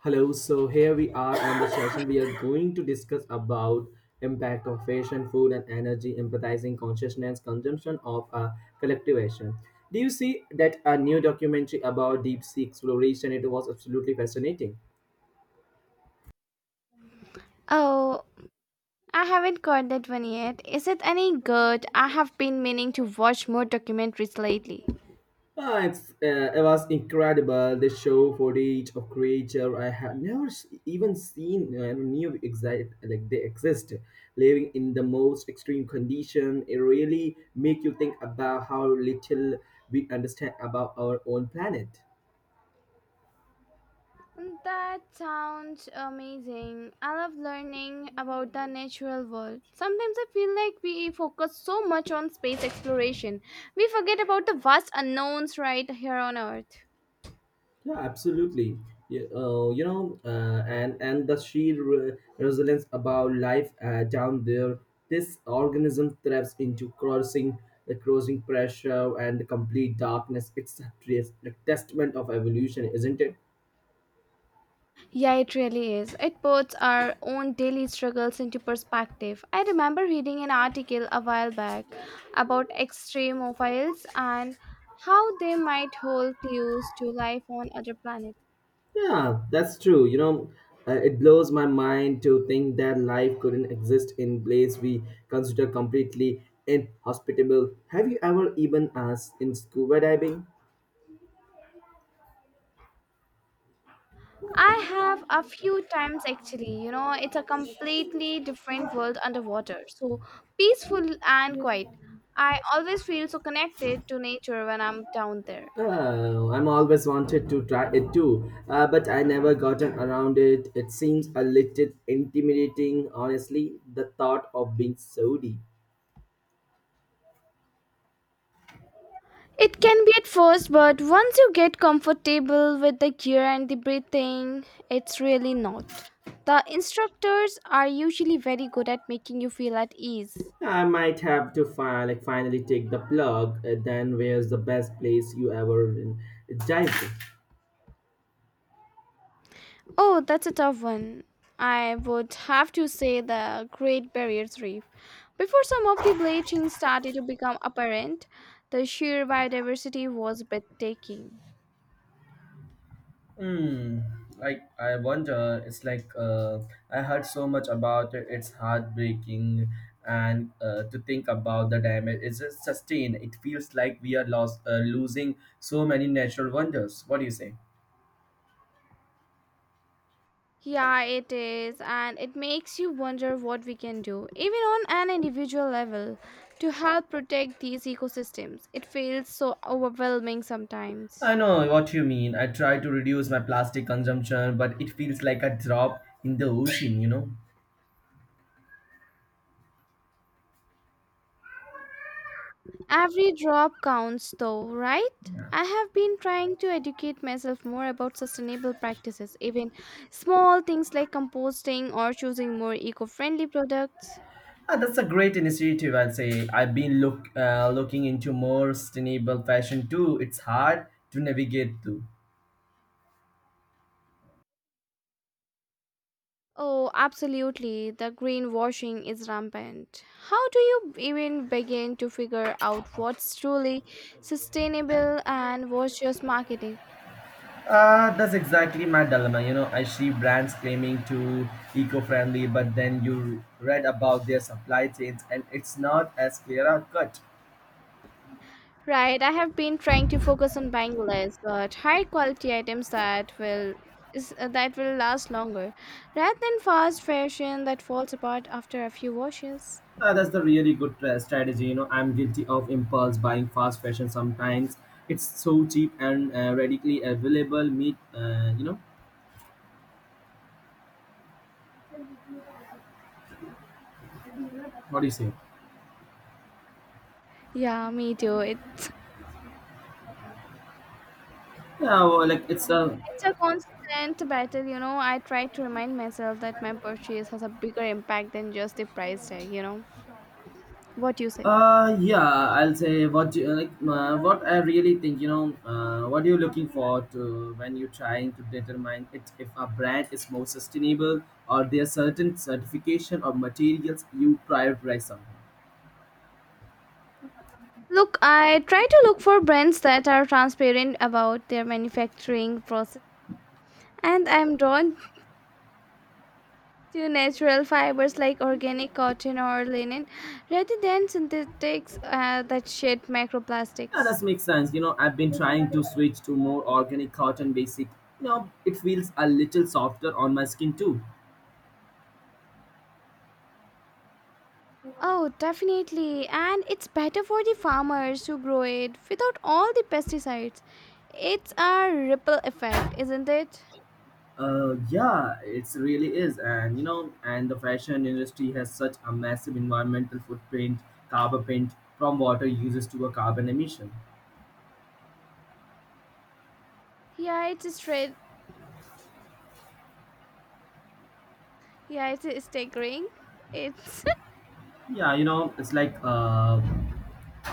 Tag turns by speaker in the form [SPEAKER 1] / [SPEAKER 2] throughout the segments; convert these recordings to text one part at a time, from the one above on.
[SPEAKER 1] Hello, so here we are on the session. We are going to discuss about impact of fashion, food, and energy, empathizing consciousness, consumption of collective action. Do you see that a new documentary about deep sea exploration? It was absolutely fascinating.
[SPEAKER 2] Oh, I haven't caught that one yet. Is it any good? I have been meaning to watch more documentaries lately.
[SPEAKER 1] It was incredible. They show footage of creature I have never even seen. I knew exact like they exist, living in the most extreme condition. It really make you think about how little we understand about our own planet.
[SPEAKER 2] That sounds amazing. I love learning about the natural world. Sometimes I feel like we focus so much on space exploration, we forget about the vast unknowns right here on Earth.
[SPEAKER 1] Yeah, absolutely. Yeah, and the sheer resilience about life down there. This organism thrives into crossing the crossing pressure and the complete darkness. It's a testament of evolution, isn't it?
[SPEAKER 2] Yeah, it really is. It puts our own daily struggles into perspective. I remember reading an article a while back about extremophiles and how they might hold clues to life on other planets.
[SPEAKER 1] Yeah, that's true. You know, it blows my mind to think that life couldn't exist in place we consider completely inhospitable. Have you ever even asked in scuba diving?
[SPEAKER 2] I have a few times actually, you know, it's a completely different world underwater. So peaceful and quiet. I always feel so connected to nature when I'm down there.
[SPEAKER 1] Oh, I'm always wanted to try it too, but I never gotten around it. It seems a little intimidating, honestly, the thought of being sodi.
[SPEAKER 2] It can be at first, but once you get comfortable with the gear and the breathing, it's really not. The instructors are usually very good at making you feel at ease.
[SPEAKER 1] I might have to like finally take the plug. Then where's the best place you ever dived in?
[SPEAKER 2] Oh, that's a tough one. I would have to say the Great Barrier Reef. Before some of the bleaching started to become apparent, the sheer biodiversity was breathtaking.
[SPEAKER 1] Hmm. Like I wonder, it's like I heard so much about it. It's heartbreaking, and to think about the damage, it's just sustained. It feels like we are losing so many natural wonders. What do you say?
[SPEAKER 2] Yeah, it is, and it makes you wonder what we can do, even on an individual level, to help protect these ecosystems. It feels so overwhelming sometimes.
[SPEAKER 1] I know what you mean. I try to reduce my plastic consumption, but it feels like a drop in the ocean.
[SPEAKER 2] Every drop counts, though, right? I have been trying to educate myself more about sustainable practices, even small things like composting or choosing more eco friendly products.
[SPEAKER 1] That's a great initiative. I'll say I've been looking into more sustainable fashion too. It's hard to navigate through.
[SPEAKER 2] Oh, absolutely. The greenwashing is rampant. How do you even begin to figure out what's truly sustainable and what's just marketing?
[SPEAKER 1] That's exactly my dilemma. You know, I see brands claiming to eco-friendly, but then you read about their supply chains, and it's not as clear a cut.
[SPEAKER 2] Right, I have been trying to focus on buying less but high quality items that that will last longer rather than fast fashion that falls apart after a few washes.
[SPEAKER 1] That's the really good strategy. You know, I'm guilty of impulse buying fast fashion sometimes. It's so cheap and readily available. Meet, what do you say?
[SPEAKER 2] Yeah, me too.
[SPEAKER 1] Yeah, well, like it's a
[SPEAKER 2] It's a constant battle, you know. I try to remind myself that my purchase has a bigger impact than just the price tag, you know. What you say?
[SPEAKER 1] Yeah, I'll say what I really think. You know, what you're looking for to when you're trying to determine it if a brand is more sustainable or there are certain certification or materials you prioritize something.
[SPEAKER 2] Look, I try to look for brands that are transparent about their manufacturing process, and I'm drawn to natural fibers like organic cotton or linen rather than synthetics that shed
[SPEAKER 1] Yeah,
[SPEAKER 2] microplastics.
[SPEAKER 1] that makes sense. You know, I've been trying to switch to more organic cotton basic. You know, it feels a little softer on my skin too.
[SPEAKER 2] Oh, definitely. And it's better for the farmers who grow it without all the pesticides. It's a ripple effect, isn't it?
[SPEAKER 1] Yeah, it's really is, and you know, and the fashion industry has such a massive environmental footprint, carbon print from water uses to a carbon emission.
[SPEAKER 2] Yeah, it's straight. Yeah, it's staggering. It's
[SPEAKER 1] Yeah, you know, it's like uh,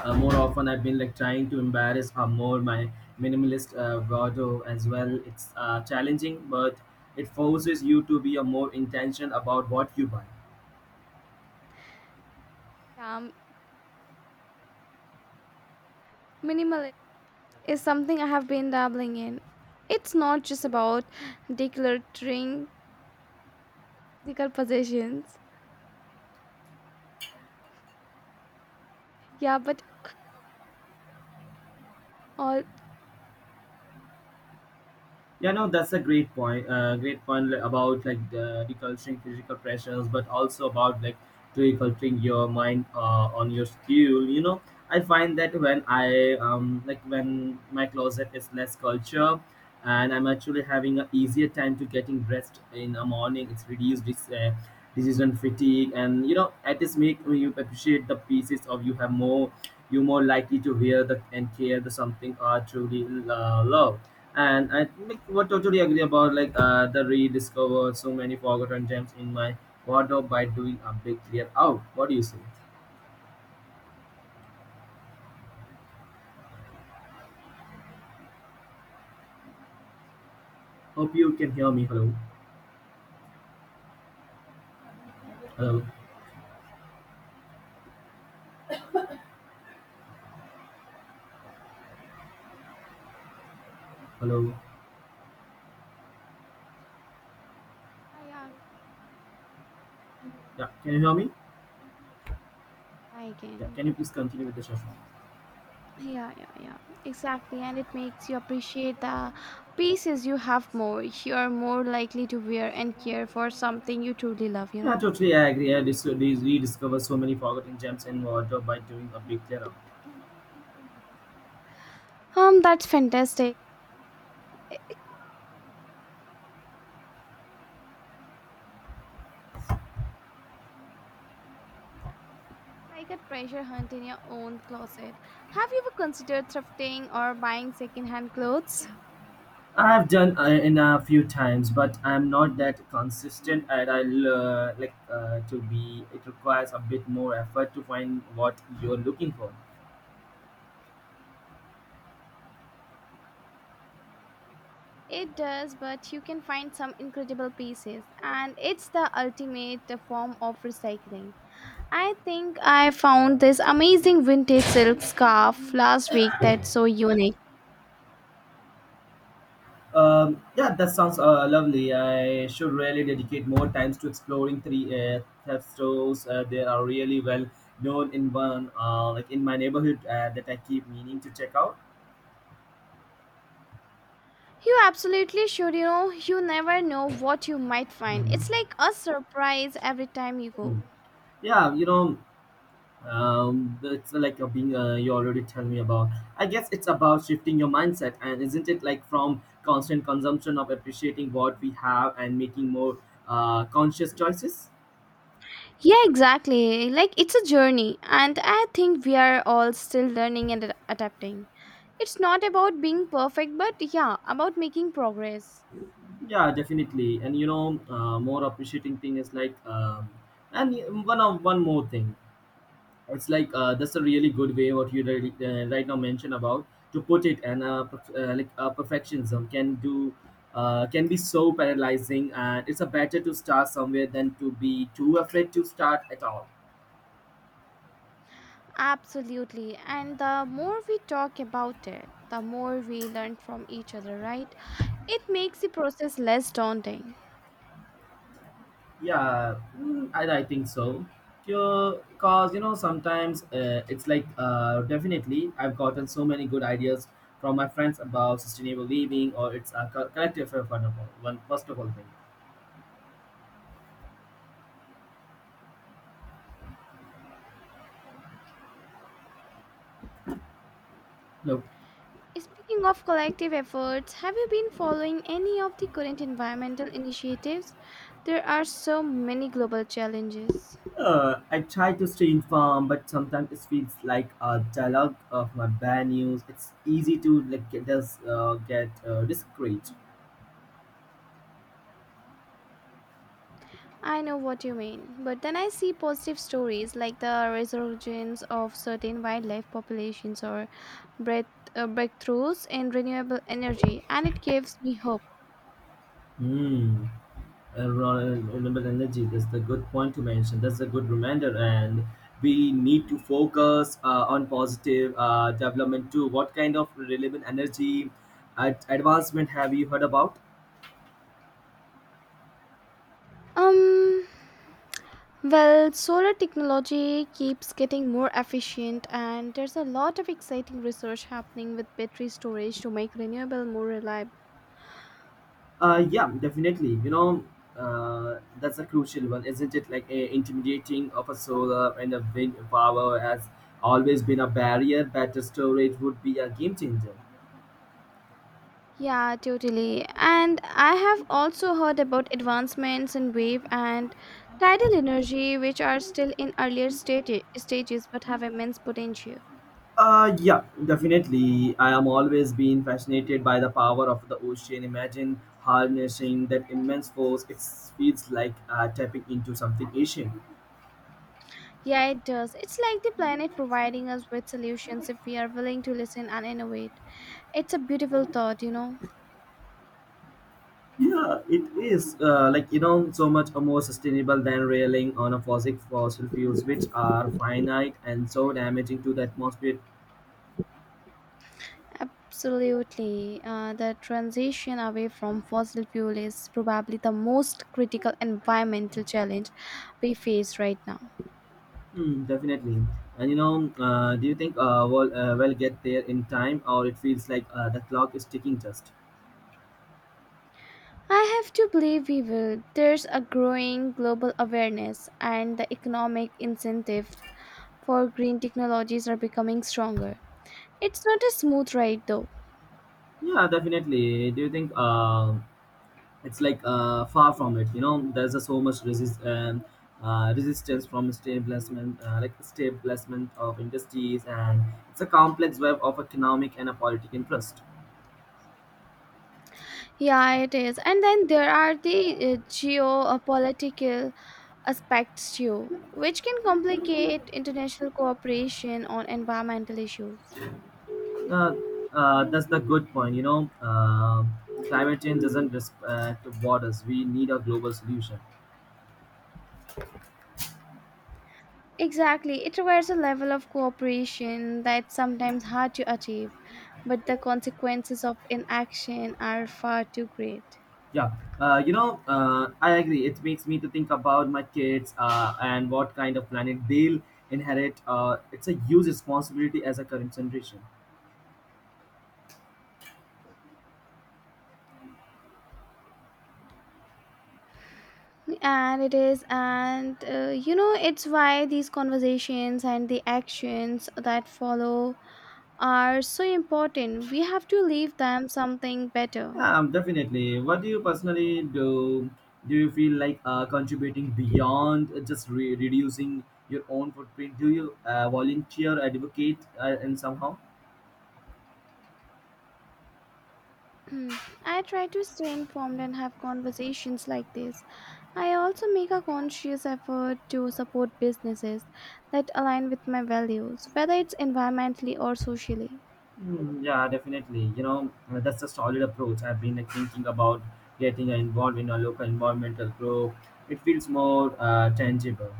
[SPEAKER 1] uh, more often I've been like trying to embarrass more my minimalist wardrobe as well. It's challenging, but it forces you to be a more intentional about what you buy.
[SPEAKER 2] um, minimal is something I have been dabbling in. It's not just about decluttering physical possessions. Yeah, but all.
[SPEAKER 1] Yeah, no, that's a great point. Great point about like the deculturing physical pressures, but also about like deculturing your mind on your skill. You know, I find that when I like when my closet is less culture, and I'm actually having an easier time to getting dressed in the morning. It's reduced this decision fatigue, and you know, at this make you appreciate the pieces of you have more. You're more likely to wear the and care the something are truly love and I like, what totally agree about like the rediscover so many forgotten gems in my wardrobe by doing a big clear out. What do you say? Hope you can hear me. Hello, hello, hello.
[SPEAKER 2] Yeah, yeah,
[SPEAKER 1] Yeah, can you hear me?
[SPEAKER 2] I
[SPEAKER 1] Yeah,
[SPEAKER 2] can.
[SPEAKER 1] can you please continue with the session?
[SPEAKER 2] Yeah, yeah, yeah, exactly. And it makes you appreciate the pieces you have more. You are more likely to wear and care for something you truly love, you
[SPEAKER 1] Yeah,
[SPEAKER 2] know.
[SPEAKER 1] totally I agree. I rediscover so many forgotten gems in wardrobe by doing a big clear out.
[SPEAKER 2] That's fantastic. It's like a treasure hunt in your own closet. Have you ever considered thrifting or buying secondhand clothes?
[SPEAKER 1] I have done in a few times, but I'm not that consistent, and I like to be. It requires a bit more effort to find what you're looking for
[SPEAKER 2] It does, but you can find some incredible pieces, and it's the ultimate form of recycling. I think I found this amazing vintage silk scarf last week that's so unique.
[SPEAKER 1] Yeah, that sounds lovely. I should really dedicate more times to exploring three theft stores. They are really well known in one, like in my neighborhood, that I keep meaning to check out.
[SPEAKER 2] You absolutely should, you know, you never know what you might find. It's
[SPEAKER 1] Mhm.
[SPEAKER 2] like a surprise every time you
[SPEAKER 1] Hmm.
[SPEAKER 2] go.
[SPEAKER 1] Yeah, you know, it's like being you already tell me about. I guess it's about shifting your mindset, and isn't it like from constant consumption of appreciating what we have and making more conscious choices?
[SPEAKER 2] Yeah, exactly. Like it's a journey, and I think we are all still learning and adapting. It's not about being perfect, but yeah, about making progress.
[SPEAKER 1] Yeah, definitely. And you know, more appreciating thing is like, and one more thing. It's like that's a really good way what you really, right now mentioned about to put it, and perfectionism can be so paralyzing, and it's a better to start somewhere than to be too afraid to start at all.
[SPEAKER 2] Absolutely. And the more we talk about it, the more we learn from each other, right? It makes the process less daunting.
[SPEAKER 1] Yeah, mm, I think so. Because, you know, sometimes it's like definitely I've gotten so many good ideas from my friends about sustainable living or it's a collective effort, one first of all thing. Look,
[SPEAKER 2] Speaking of collective efforts, have you been following any of the current environmental initiatives? There are so many global challenges.
[SPEAKER 1] I try to stay informed, but sometimes it feels like a dialogue of my bad news. It's easy to like get discreet.
[SPEAKER 2] I know what you mean, but then I see positive stories like the resurgence of certain wildlife populations or breath, breakthroughs in renewable energy, and it gives me hope.
[SPEAKER 1] Hmm. Renewable energy, that's the good point to mention. That's a good reminder, and we need to focus on positive development too. What kind of renewable energy advancement have you heard about?
[SPEAKER 2] Um, Well, solar technology keeps getting more efficient, and there's a lot of exciting research happening with battery storage to make renewable more reliable.
[SPEAKER 1] Yeah, definitely. You know, that's a crucial one, isn't it? Like a intimidating of a solar and a wind power has always been a barrier. Better storage would be a game changer.
[SPEAKER 2] Yeah, totally. And I have also heard about advancements in wave and tidal energy, which are still in stages but have immense potential.
[SPEAKER 1] Yeah, definitely. I am always been fascinated by the power of the ocean. Imagine harnessing that immense force. It feels like tapping into something ancient.
[SPEAKER 2] Yeah, it does. It's like the planet providing us with solutions if we are willing to listen and innovate. It's a beautiful thought, you know.
[SPEAKER 1] Yeah, it is. Like, you know, so much more sustainable than railing on a fossil fuels, which are finite and so damaging to the atmosphere.
[SPEAKER 2] Absolutely. The transition away from fossil fuel is probably the most critical environmental challenge we face right now.
[SPEAKER 1] Hmm, definitely. And you know, do you think we'll get there in time, or it feels like the clock is ticking just?
[SPEAKER 2] I have to believe we will. There's a growing global awareness, and the economic incentives for green technologies are becoming stronger. It's not a smooth ride, though.
[SPEAKER 1] Yeah, definitely. Do you think? It's like far from it. You know, there's so much resistance from establishment of industries, and it's a complex web of economic and a politic interest.
[SPEAKER 2] Yeah, it is. And then there are the geopolitical aspects too, which can complicate international cooperation on environmental issues.
[SPEAKER 1] uh, that's the good point. You know, climate change doesn't respect borders. We need a global solution.
[SPEAKER 2] Exactly, it requires a level of cooperation that's sometimes hard to achieve, but the consequences of inaction are far too great.
[SPEAKER 1] Yeah, you know, I agree. It makes me to think about my kids, and what kind of planet they'll inherit. It's a huge responsibility as a current generation.
[SPEAKER 2] And it is, and you know, it's why these conversations and the actions that follow are so important. We have to leave them something better.
[SPEAKER 1] Yeah, definitely. What do you personally do? Do you feel like contributing beyond just reducing your own footprint? Do you volunteer, advocate, and somehow?
[SPEAKER 2] Hmm. I try to stay informed and have conversations like this. I also make a conscious effort to support businesses that align with my values, whether it's environmentally or socially.
[SPEAKER 1] Mm, yeah, definitely. You know, that's a solid approach. I've been thinking about getting involved in a local environmental group. It feels more tangible.